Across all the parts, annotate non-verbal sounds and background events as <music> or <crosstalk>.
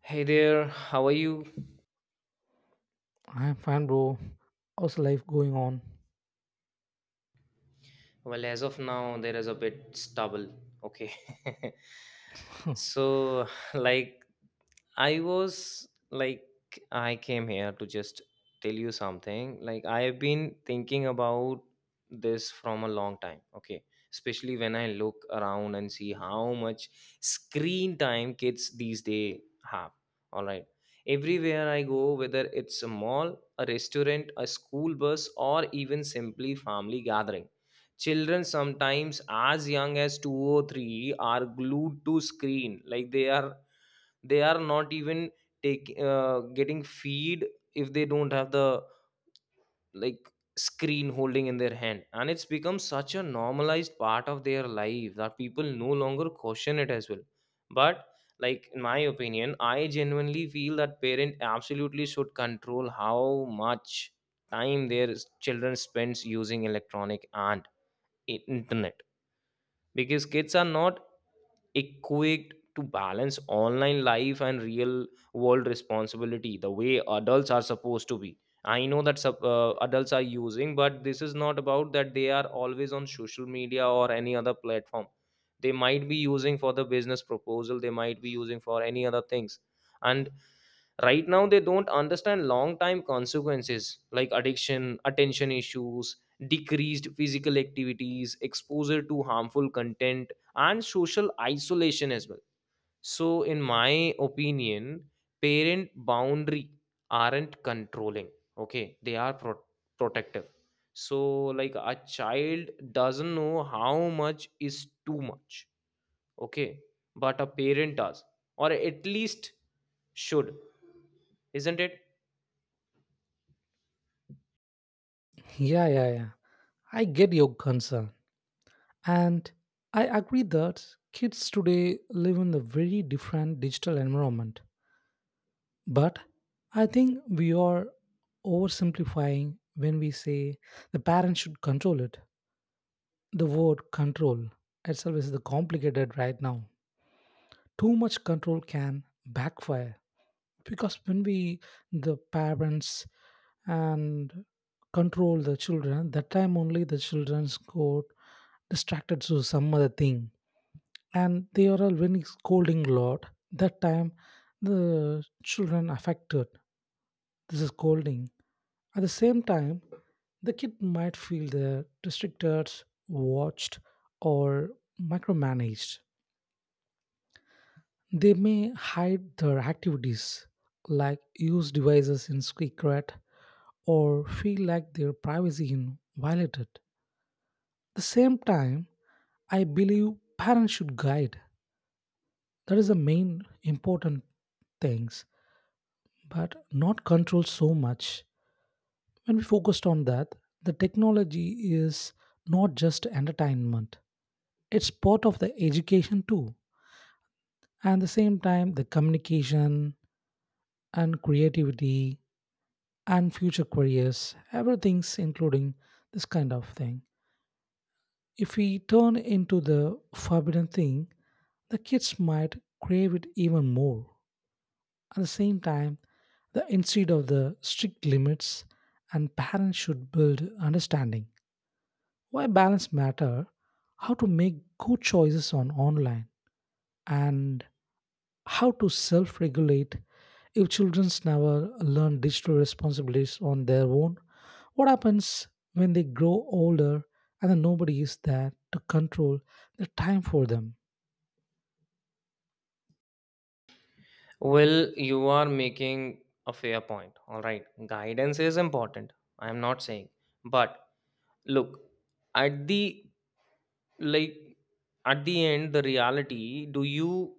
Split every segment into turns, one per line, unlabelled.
Hey there, how are you?
I'm fine, bro. How's life going on?
Well, as of now, there is a bit stubble. Okay. <laughs>
<laughs>
so, like, I was like, I came here to just tell you something. Like, I have been thinking about this from a long time. Okay. Especially when I look around and see how much screen time kids these days have. All right. Everywhere I go, whether it's a mall, a restaurant, a school bus, or even simply family gathering, children sometimes as young as two or three are glued to screen like they are not even take getting feed if they don't have the like screen holding in their hand, and it's become such a normalized part of their life that people no longer question it as well. But, like, in my opinion, I genuinely feel that parent absolutely should control how much time their children spends using electronic and internet, because kids are not equipped to balance online life and real world responsibility the way adults are supposed to be. I know that adults are using, but this is not about that. They are always on social media or any other platform. They might be using for the business proposal, they might be using for any other things. And right now they don't understand long time consequences like addiction, attention issues, decreased physical activities, exposure to harmful content, and social isolation as well. So in my opinion, parent boundary aren't controlling. Okay, they are protective. So, like, a child doesn't know how much is too much. Okay, but a parent does, or at least should. Isn't it?
Yeah, yeah, yeah. I get your concern. And I agree that kids today live in a very different digital environment. But I think we are oversimplifying when we say the parents should control it. The word control itself is the complicated right now. Too much control can backfire. Because when we, the parents, and control the children, that time only the children's got distracted to some other thing. And they are all when it's scolding lot, that time the children affected. This is scolding. At the same time, the kid might feel they're restricted, watched, or micromanaged. They may hide their activities, like use devices in secret, or feel like their privacy is violated. The same time, I believe parents should guide. That is the main important things, but not control so much. When we focused on that, the technology is not just entertainment. It's part of the education too. And the same time, the communication and creativity and future careers, everything's including this kind of thing. If we turn into the forbidden thing, the kids might crave it even more. At the same time, the instead of the strict limits and parents should build understanding. Why balance matter, how to make good choices on online, and how to self regulate if children never learn digital responsibilities on their own? What happens when they grow older and then nobody is there to control the time for them?
Well, you are making a fair point. All right. Guidance is important. I am not saying. But look, at the like at the end, the reality, do you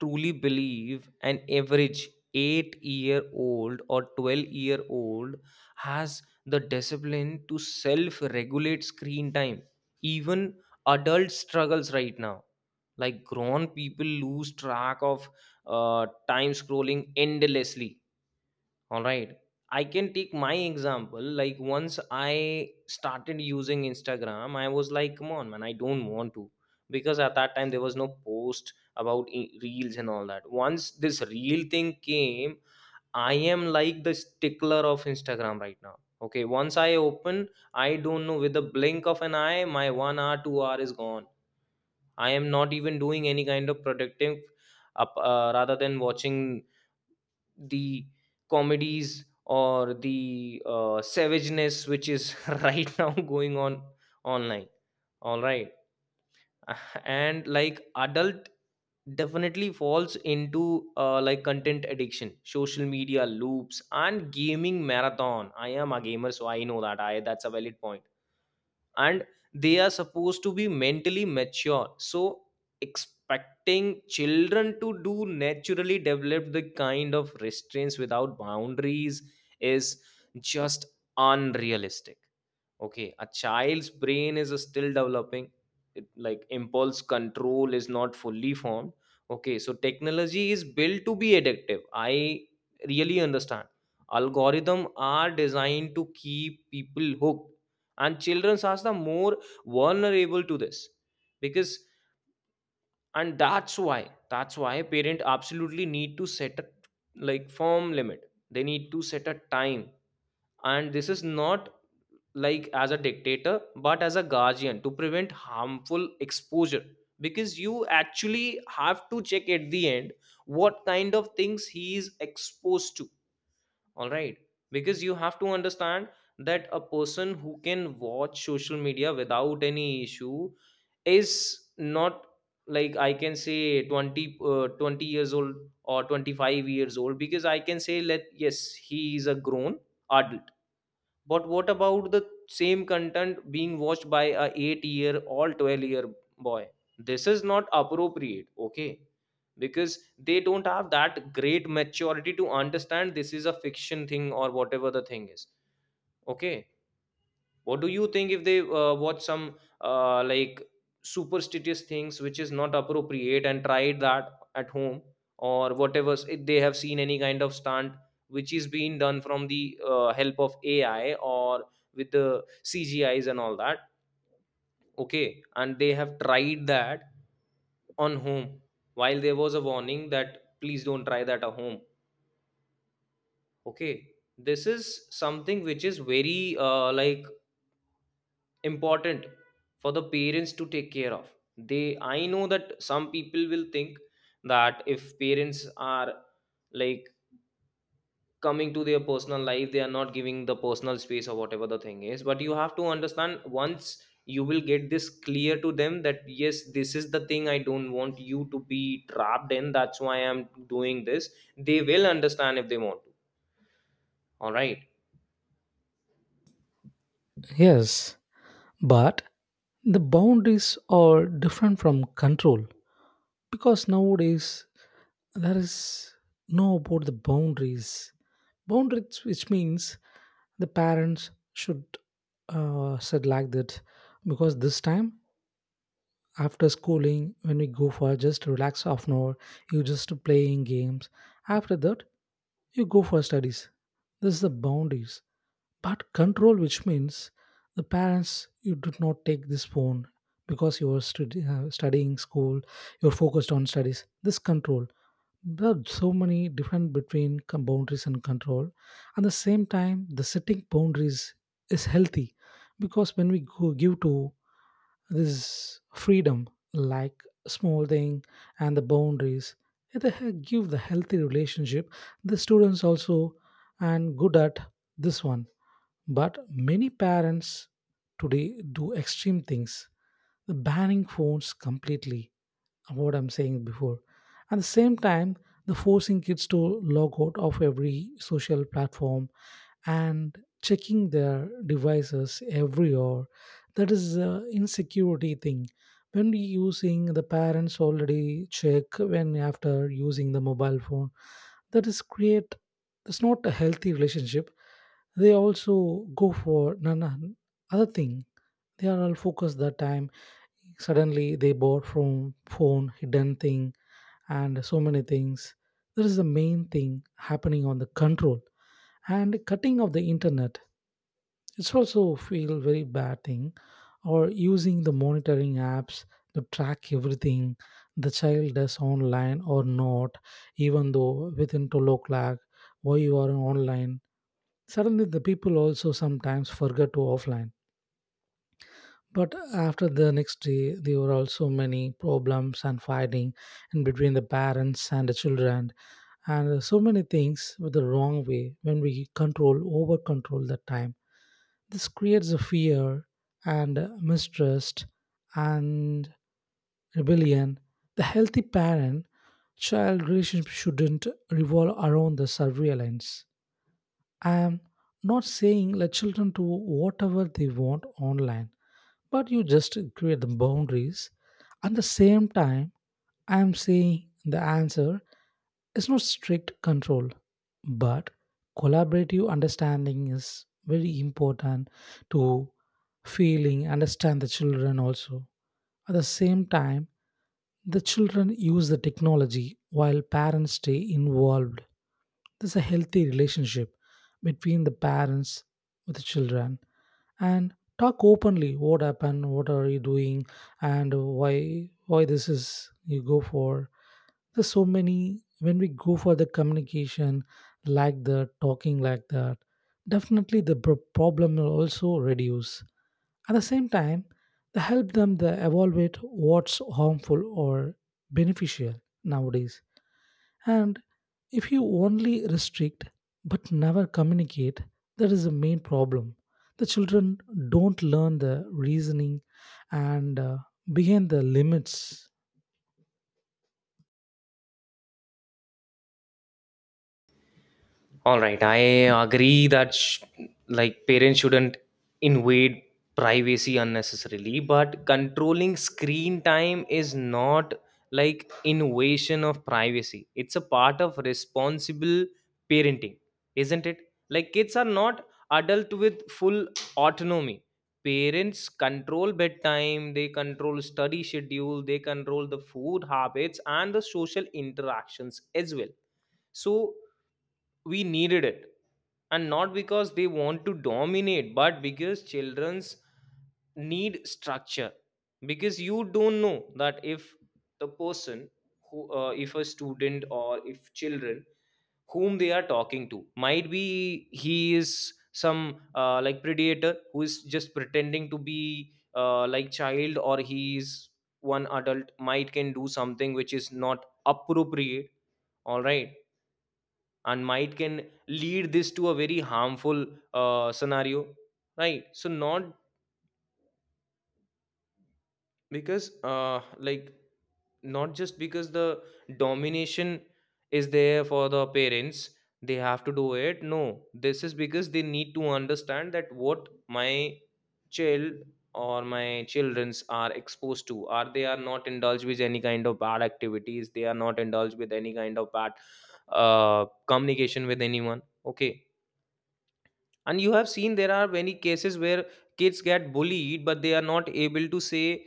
truly believe an average 8-year-old or 12-year-old has the discipline to self regulate screen time? Even adult struggles right now. Like, grown people lose track of time scrolling endlessly. All right. I can take my example. Like, once I started using Instagram, I was like, come on, man, I don't want to. Because at that time, there was no post about reels and all that. Once this reel thing came, I am like the stickler of Instagram right now. Okay. Once I open, I don't know, with the blink of an eye, my 1 hour, 2 hour is gone. I am not even doing any kind of productive rather than watching the comedies or the savageness which is <laughs> right now going on online. All right. <laughs> And like adult definitely falls into like content addiction, social media loops and gaming marathon. I am a gamer, so I know that I that's a valid point. And they are supposed to be mentally mature, so expecting children to do naturally develop the kind of restraints without boundaries is just unrealistic. Okay, a child's brain is still developing. It, like, impulse control is not fully formed. Okay, so technology is built to be addictive. I really understand. Algorithm are designed to keep people hooked, and children are the more vulnerable to this because, and that's why parent absolutely need to set a like firm limit. They need to set a time, and this is not like as a dictator but as a guardian to prevent harmful exposure, because you actually have to check at the end what kind of things he is exposed to. All right. Because you have to understand that a person who can watch social media without any issue is not, like, I can say 20, 20 years old or 25 years old, because I can say let, yes, he is a grown adult. But what about the same content being watched by a 8 year or 12-year boy? This is not appropriate, okay? Because they don't have that great maturity to understand this is a fiction thing or whatever the thing is, okay? What do you think if they watch some like superstitious things which is not appropriate and tried that at home, or whatever, if they have seen any kind of stunt which is being done from the help of ai or with the cgis and all that, okay, and they have tried that on home, while there was a warning that please don't try that at home. Okay, this is something which is very like important for the parents to take care of. They i know that some people will think that if parents are like coming to their personal life, they are not giving the personal space or whatever the thing is, but you have to understand, once you will get this clear to them that, yes, this is the thing, I don't want you to be trapped in, that's why I'm doing this, they will understand if they want to. All right.
Yes, but the boundaries are different from control because nowadays there is no about the boundaries. Boundaries which means the parents should said like that. Because this time, after schooling, when we go for just relax half an hour, you just playing games. After that, you go for studies. This is the boundaries. But control, which means the parents you did not take this phone because you were studying school, you're focused on studies, this control. There are so many different between boundaries and control. At the same time, the setting boundaries is healthy because when we go, give to this freedom like small thing and the boundaries, they give the healthy relationship, the students also, and good at this one. But many parents today do extreme things, the banning phones completely, what I'm saying before. At the same time, the forcing kids to log out of every social platform and checking their devices every hour. That is an insecurity thing. When we using the parents already check when after using the mobile phone, that is create, it's not a healthy relationship. They also go for none other thing. They are all focused that time. Suddenly they bought from phone hidden thing and so many things. That is the main thing happening on the control and cutting of the internet, it's also feel very bad thing, or using the monitoring apps to track everything the child does online or not, even though within 12 o'clock, why you are online. Suddenly the people also sometimes forget to offline. But after the next day, there were also many problems and fighting in between the parents and the children, and so many things with the wrong way. When we control over control the time, this creates a fear and mistrust and rebellion. The healthy parent child relationship shouldn't revolve around the surveillance. I am not saying let children do whatever they want online, but you just create the boundaries. At the same time, I am saying the answer is not strict control, but collaborative understanding is very important to feeling understand the children also. At the same time, the children use the technology while parents stay involved, there's a healthy relationship between the parents with the children, and talk openly what happened, what are you doing, and why this is you go for. There's so many when we go for the communication like that, talking like that, definitely the problem will also reduce. At the same time, they help them to evaluate what's harmful or beneficial nowadays. And if you only restrict but never communicate, that is the main problem. The children don't learn the reasoning and behind the limits.
Alright, I agree that parents shouldn't invade privacy unnecessarily, but controlling screen time is not like invasion of privacy. It's a part of responsible parenting, isn't it? Like kids are not adult with full autonomy. Parents control bedtime, they control study schedule, they control the food habits and the social interactions as well. So we needed it, and not because they want to dominate, but because children's need structure. Because you don't know that if the person who if a student or if children whom they are talking to, might be he is some like predator who is just pretending to be like child, or he is one adult might can do something which is not appropriate. All right. And might can lead this to a very harmful scenario, right? So not because not just because the domination is there for the parents they have to do it. No, this is because they need to understand that what my child or my children's are exposed to, are they are not indulged with any kind of bad activities, they are not indulged with any kind of bad communication with anyone. Okay. And you have seen there are many cases where kids get bullied but they are not able to say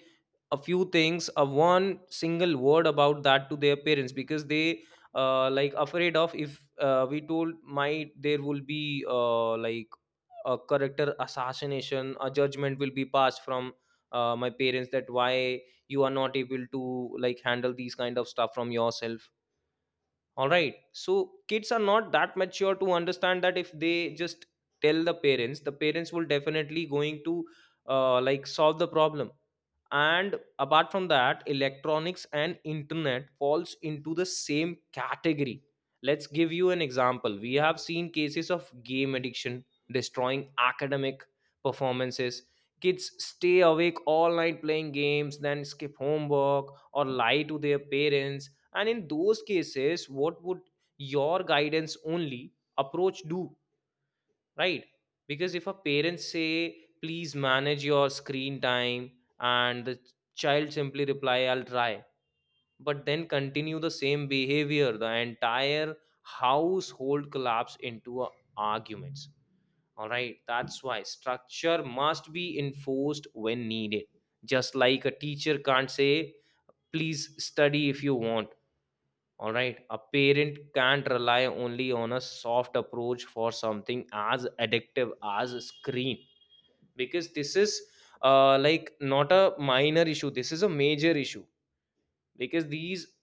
a few things, a one single word about that to their parents, because they like afraid of if we told my, there will be like a character assassination, a judgment will be passed from my parents, that why you are not able to like handle these kind of stuff from yourself. All right. So kids are not that mature to understand that if they just tell the parents, the parents will definitely going to like solve the problem. And apart from that, electronics and internet falls into the same category. Let's give you an example. We have seen cases of game addiction destroying academic performances. Kids stay awake all night playing games, then skip homework or lie to their parents. And in those cases, what would your guidance only approach do? Right? Because if a parent say please manage your screen time, and the child simply reply I'll try, but then continue the same behavior, the entire household collapse into a arguments. All right, that's why structure must be enforced when needed. Just like a teacher can't say please study if you want, all right, a parent can't rely only on a soft approach for something as addictive as a screen. Because this is like not a minor issue, this is a major issue. Because these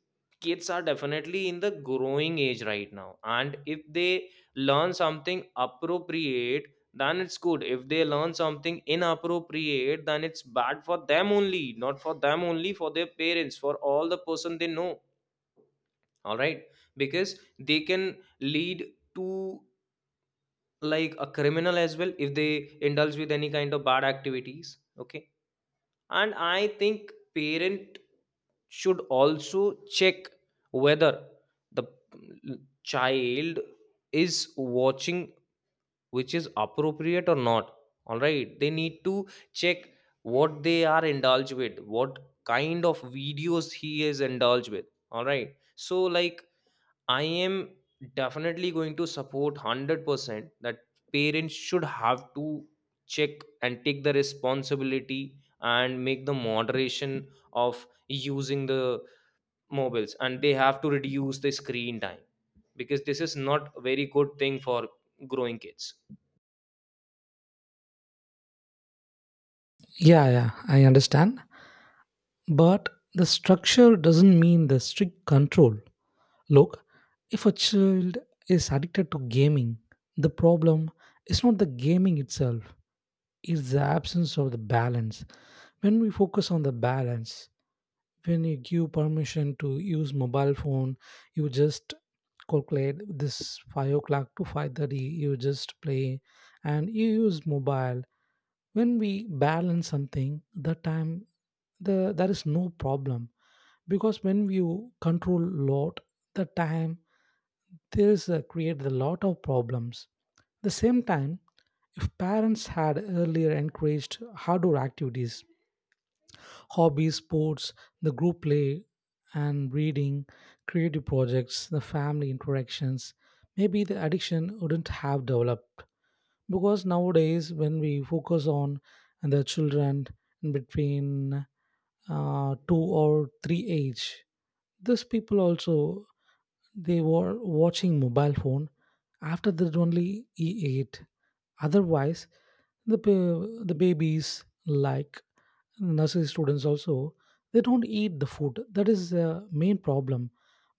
kids are definitely in the growing age right now, and if they learn something appropriate then it's good, if they learn something inappropriate then it's bad for them, only not for them only for their parents, for all the person they know. All right. Because they can lead to like a criminal as well if they indulge with any kind of bad activities. Okay. And I think parent should also check whether the child is watching which is appropriate or not. All right, they need to check what they are indulged with, what kind of videos he is indulged with. All right. So, like, I am definitely going to support 100% that parents should have to check and take the responsibility and make the moderation of using the mobiles, and they have to reduce the screen time, because this is not a very good thing for growing kids.
Yeah, yeah, I understand. But the structure doesn't mean the strict control. Look, if a child is addicted to gaming, the problem is not the gaming itself, it's the absence of the balance. When we focus on the balance, when you give permission to use mobile phone, you just calculate this 5 o'clock to 5:30, you just play and you use mobile. When we balance something the time, there is no problem. Because when you control lot the time, there is create a lot of problems. The same time, if parents had earlier encouraged outdoor activities, hobbies, sports, the group play and reading, creative projects, the family interactions, maybe the addiction wouldn't have developed. Because nowadays, when we focus on the children in between two or three age, these people also they were watching mobile phone after that only e8. Otherwise, the the babies like nursery students also, they don't eat the food, that is the main problem.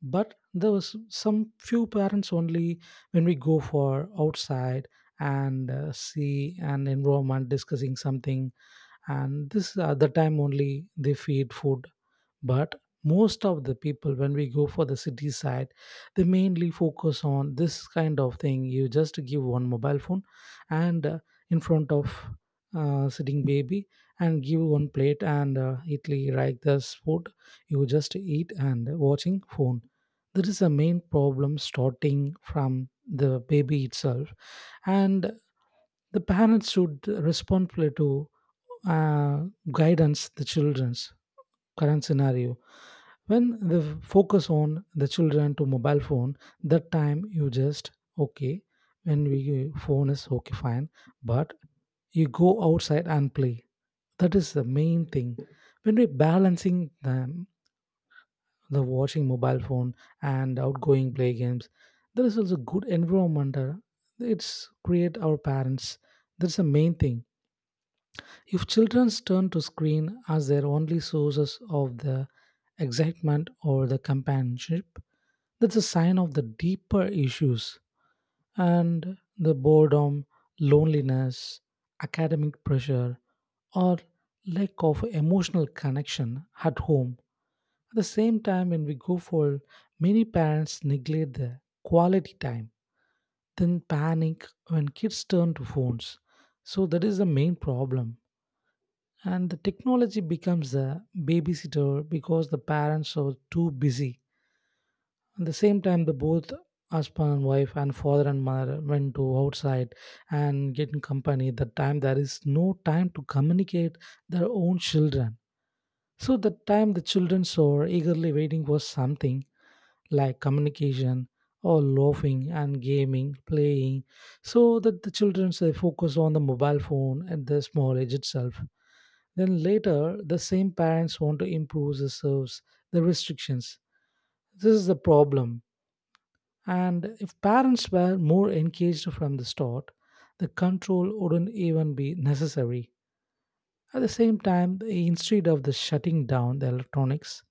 But there was some few parents only, when we go for outside and see an environment discussing something, and this at the time only they feed food. But most of the people, when we go for the city side, they mainly focus on this kind of thing. You just give one mobile phone and in front of sitting baby, and give one plate and italy like this food, you just eat and watching phone. That is the main problem starting from the baby itself. And the parents should responsibly to uh, guidance the children's current scenario. When the focus on the children to mobile phone, that time you just okay, when we phone is okay fine, but you go outside and play. That is the main thing. When we're balancing them, the watching mobile phone and outgoing play games, there is also good environment. It's create our parents, that's the main thing. If children's turn to screen as their only sources of the excitement or the companionship, that's a sign of the deeper issues and the boredom, loneliness, academic pressure, or lack of emotional connection at home. At the same time, when we go for many parents neglect the quality time, then panic when kids turn to phones. So that is the main problem. And the technology becomes the babysitter because the parents are too busy. At the same time, the both husband and wife and father and mother went to outside and get in company. That time there is no time to communicate their own children. So that time the children are eagerly waiting for something like communication or laughing and gaming, playing, so that the children they focus on the mobile phone at the small age itself. Then later, the same parents want to improve the serves, the restrictions. This is the problem. And if parents were more engaged from the start, the control wouldn't even be necessary. At the same time, instead of the shutting down the electronics,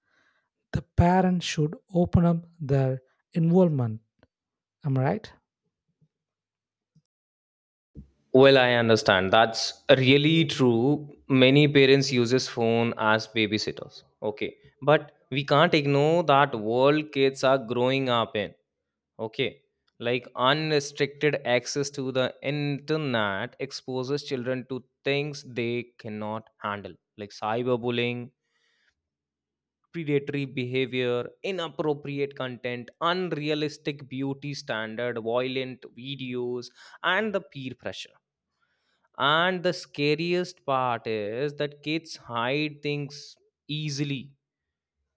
the parents should open up their involvement. Am I right?
Well, I understand that's really true, many parents uses phone as babysitters. Okay, but we can't ignore that world kids are growing up in. Okay. Like unrestricted access to the internet exposes children to things they cannot handle, like cyberbullying, predatory behavior, inappropriate content, unrealistic beauty standard, violent videos, and the peer pressure. And the scariest part is that kids hide things easily.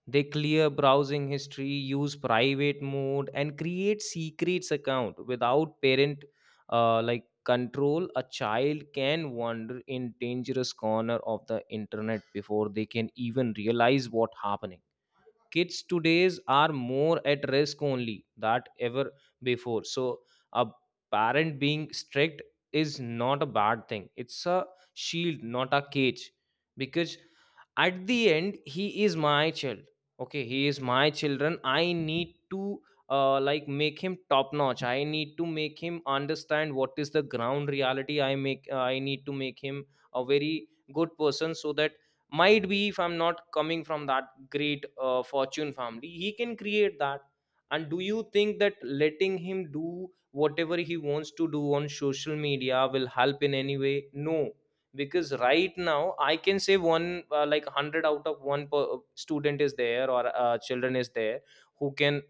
They clear browsing history, use private mode and create secrets account without parent like control. A child can wander in dangerous corner of the internet before they can even realize what happening. Kids today's are more at risk only that ever before. So a parent being strict is not a bad thing, it's a shield, not a cage, because at the end he is my child. Okay, he is my children. I need to like make him top notch. I need to make him understand what is the ground reality. I make I need to make him a very good person, so that might be if I'm not coming from that great fortune family, he can create that. And do you think that letting him do whatever he wants to do on social media will help in any way? No, because right now I can say one like 100 out of one per, student is there, or children is there who can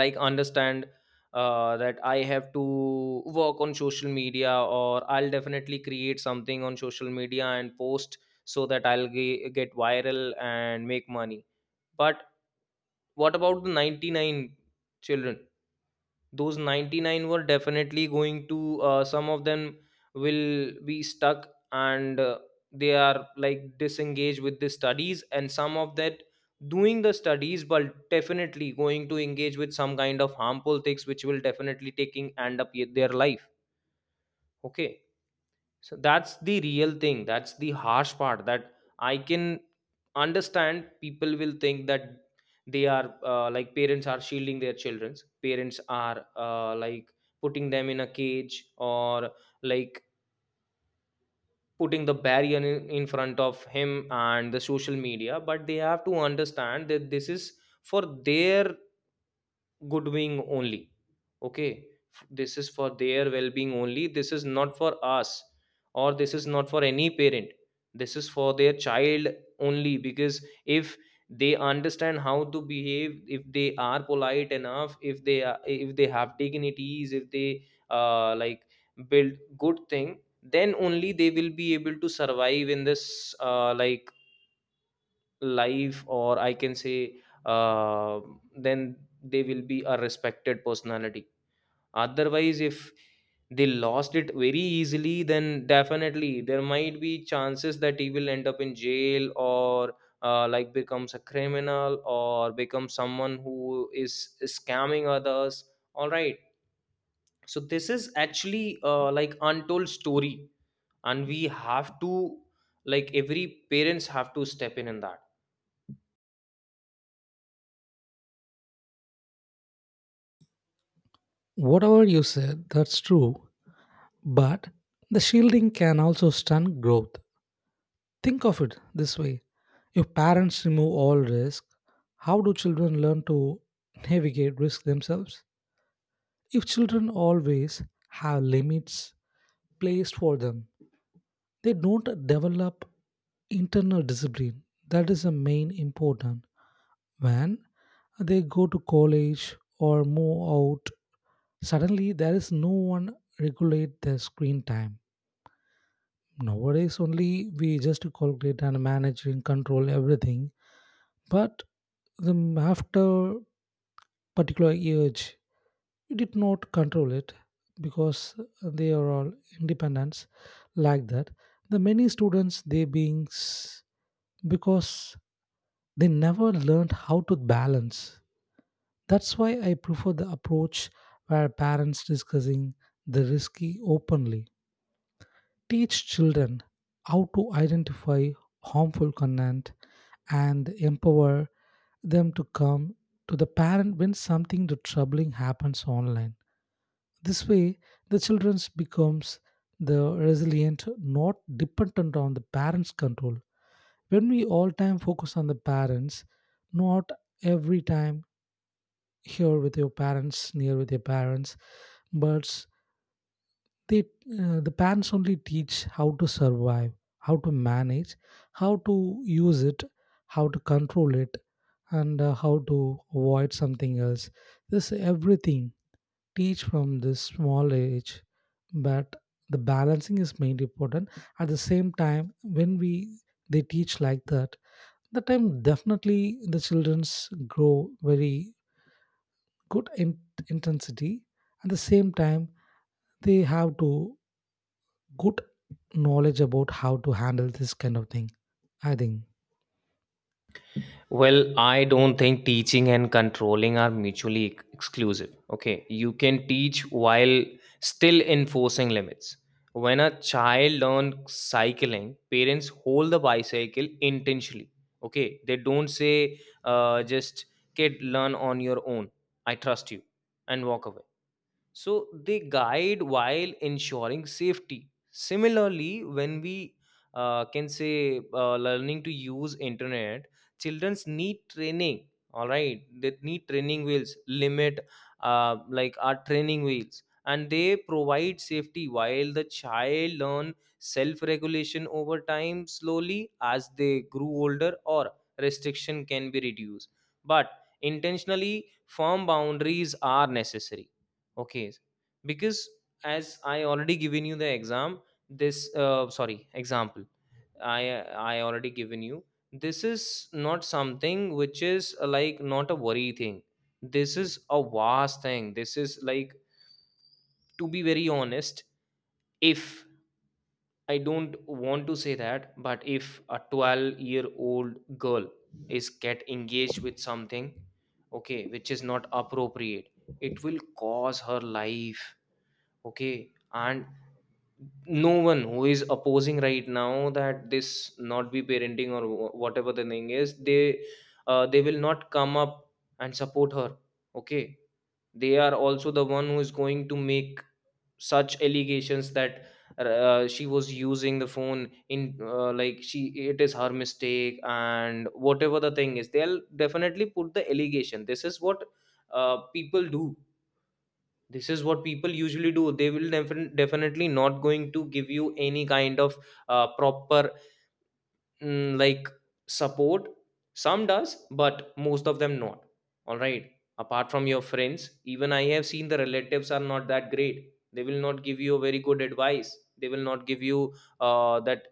like understand that I have to work on social media, or I'll definitely create something on social media and post so that get viral and make money. But what about the 99 children? Those 99 were definitely going to, some of them will be stuck, and they are like disengaged with the studies, and some of that doing the studies but definitely going to engage with some kind of harmful things which will definitely taking end up yet their life. Okay, so that's the real thing, that's the harsh part. That I can understand, people will think that they are like parents are shielding their childrens, parents are uh, like putting them in a cage or like putting the barrier in front of him and the social media. But they have to understand that this is for their good wing only. Okay, this is for their well-being only. This is not for us, or this is not for any parent. This is for their child only, because if they understand how to behave, if they are polite enough, if they are, if they have dignities, if they like build good thing, then only they will be able to survive in this like life, or I can say, uh, then they will be a respected personality. Otherwise, if they lost it very easily, then definitely there might be chances that he will end up in jail, or like becomes a criminal or becomes someone who is scamming others. All right, so this is actually like untold story, and we have to like every parents have to step in that.
Whatever you said, that's true. But the shielding can also stunt growth. Think of it this way, if parents remove all risk, how do children learn to navigate risk themselves? If children always have limits placed for them, they don't develop internal discipline. That is the main important. When they go to college or move out, suddenly there is no one regulate their screen time. Nowadays only we just calculate and manage and control everything. But the after particular age did not control it because they are all independents, like that the many students they beings because they never learned how to balance. That's why I prefer the approach where parents discussing the risky openly, teach children how to identify harmful content, and empower them to come to the parent when something troubling happens online. This way, the children becomes the resilient, not dependent on the parents' control. When we all time focus on the parents, not every time here with your parents, near with your parents, but they, the parents only teach how to survive, how to manage, how to use it, how to control it, and how to avoid something else. This everything teach from this small age, but the balancing is mainly important. At the same time, when we they teach like that, the time definitely the children's grow very good in intensity. At the same time, they have to good knowledge about how to handle this kind of thing, I think.
Well, I don't think teaching and controlling are mutually exclusive. Okay, you can teach while still enforcing limits. When a child learns cycling, parents hold the bicycle intentionally. Okay, they don't say, just kid, learn on your own. I trust you and walk away. So they guide while ensuring safety. Similarly, when we can say learning to use internet, childrens need training. All right, they need training wheels. Limit like our training wheels, and they provide safety while the child learn self-regulation over time. Slowly as they grew older, or restriction can be reduced. But intentionally, firm boundaries are necessary. Okay, because as I already given you the exam, this sorry, example, I already given you. This is not something which is like not a worry thing. This is a vast thing. This is like, to be very honest, if I don't want to say that, but if a 12-year-old year old girl is get engaged with something, okay, which is not appropriate, it will cause her life. Okay, and no one who is opposing right now that this not be parenting or whatever the thing is, they will not come up and support her. Okay, they are also the one who is going to make such allegations that she was using the phone in like she it is her mistake and whatever the thing is, they'll definitely put the allegation. This is what people do. This is what people usually do. They will definitely not going to give you any kind of proper like support. Some does, but most of them not. All right, apart from your friends, even I have seen the relatives are not that great. They will not give you a very good advice. They will not give you that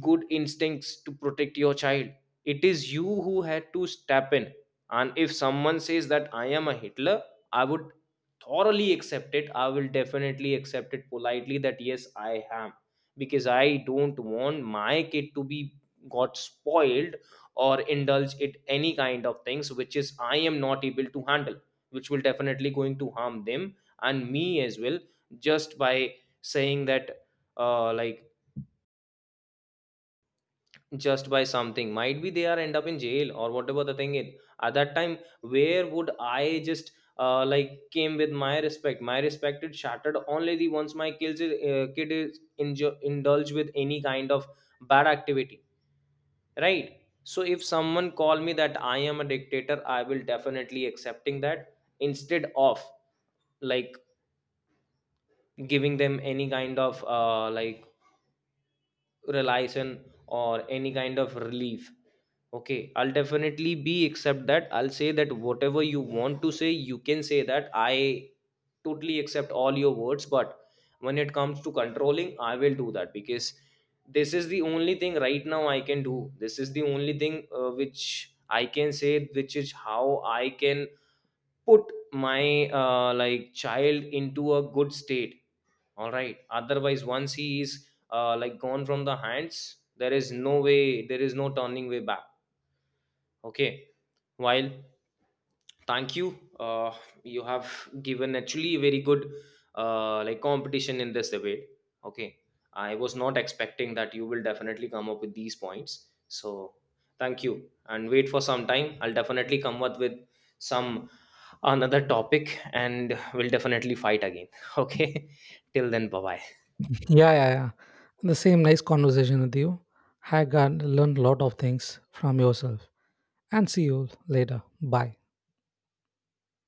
good instincts to protect your child. It is you who had to step in. And if someone says that I am a Hitler, I would thoroughly accept it. I will definitely accept it politely that yes I am, because I don't want my kid to be got spoiled or indulge it any kind of things which is I am not able to handle, which will definitely going to harm them and me as well. Just by saying that uh, like just by something, might be they are end up in jail or whatever the thing is. At that time, where would I just like came with my respect? My respect is shattered only the once my kid is indulge with any kind of bad activity. Right, so if someone call me that I am a dictator, I will definitely accepting that, instead of like giving them any kind of like relation or any kind of relief. Okay, I'll definitely be accept that. I'll say that whatever you want to say, you can say that. I totally accept all your words, but when it comes to controlling, I will do that because this is the only thing right now I can do. This is the only thing which I can say, which is how I can put my like child into a good state. All right. Otherwise, once he is like gone from the hands, there is no way, there is no turning way back. Okay, while thank you, you have given actually a very good like competition in this debate. Okay, I was not expecting that you will definitely come up with these points. So thank you, and wait for some time. I'll definitely come up with some another topic, and we'll definitely fight again. <laughs> Okay, till then, bye bye.
Yeah, yeah, yeah. The same, nice conversation with you. I got learned a lot of things from yourself, and see you later. Bye.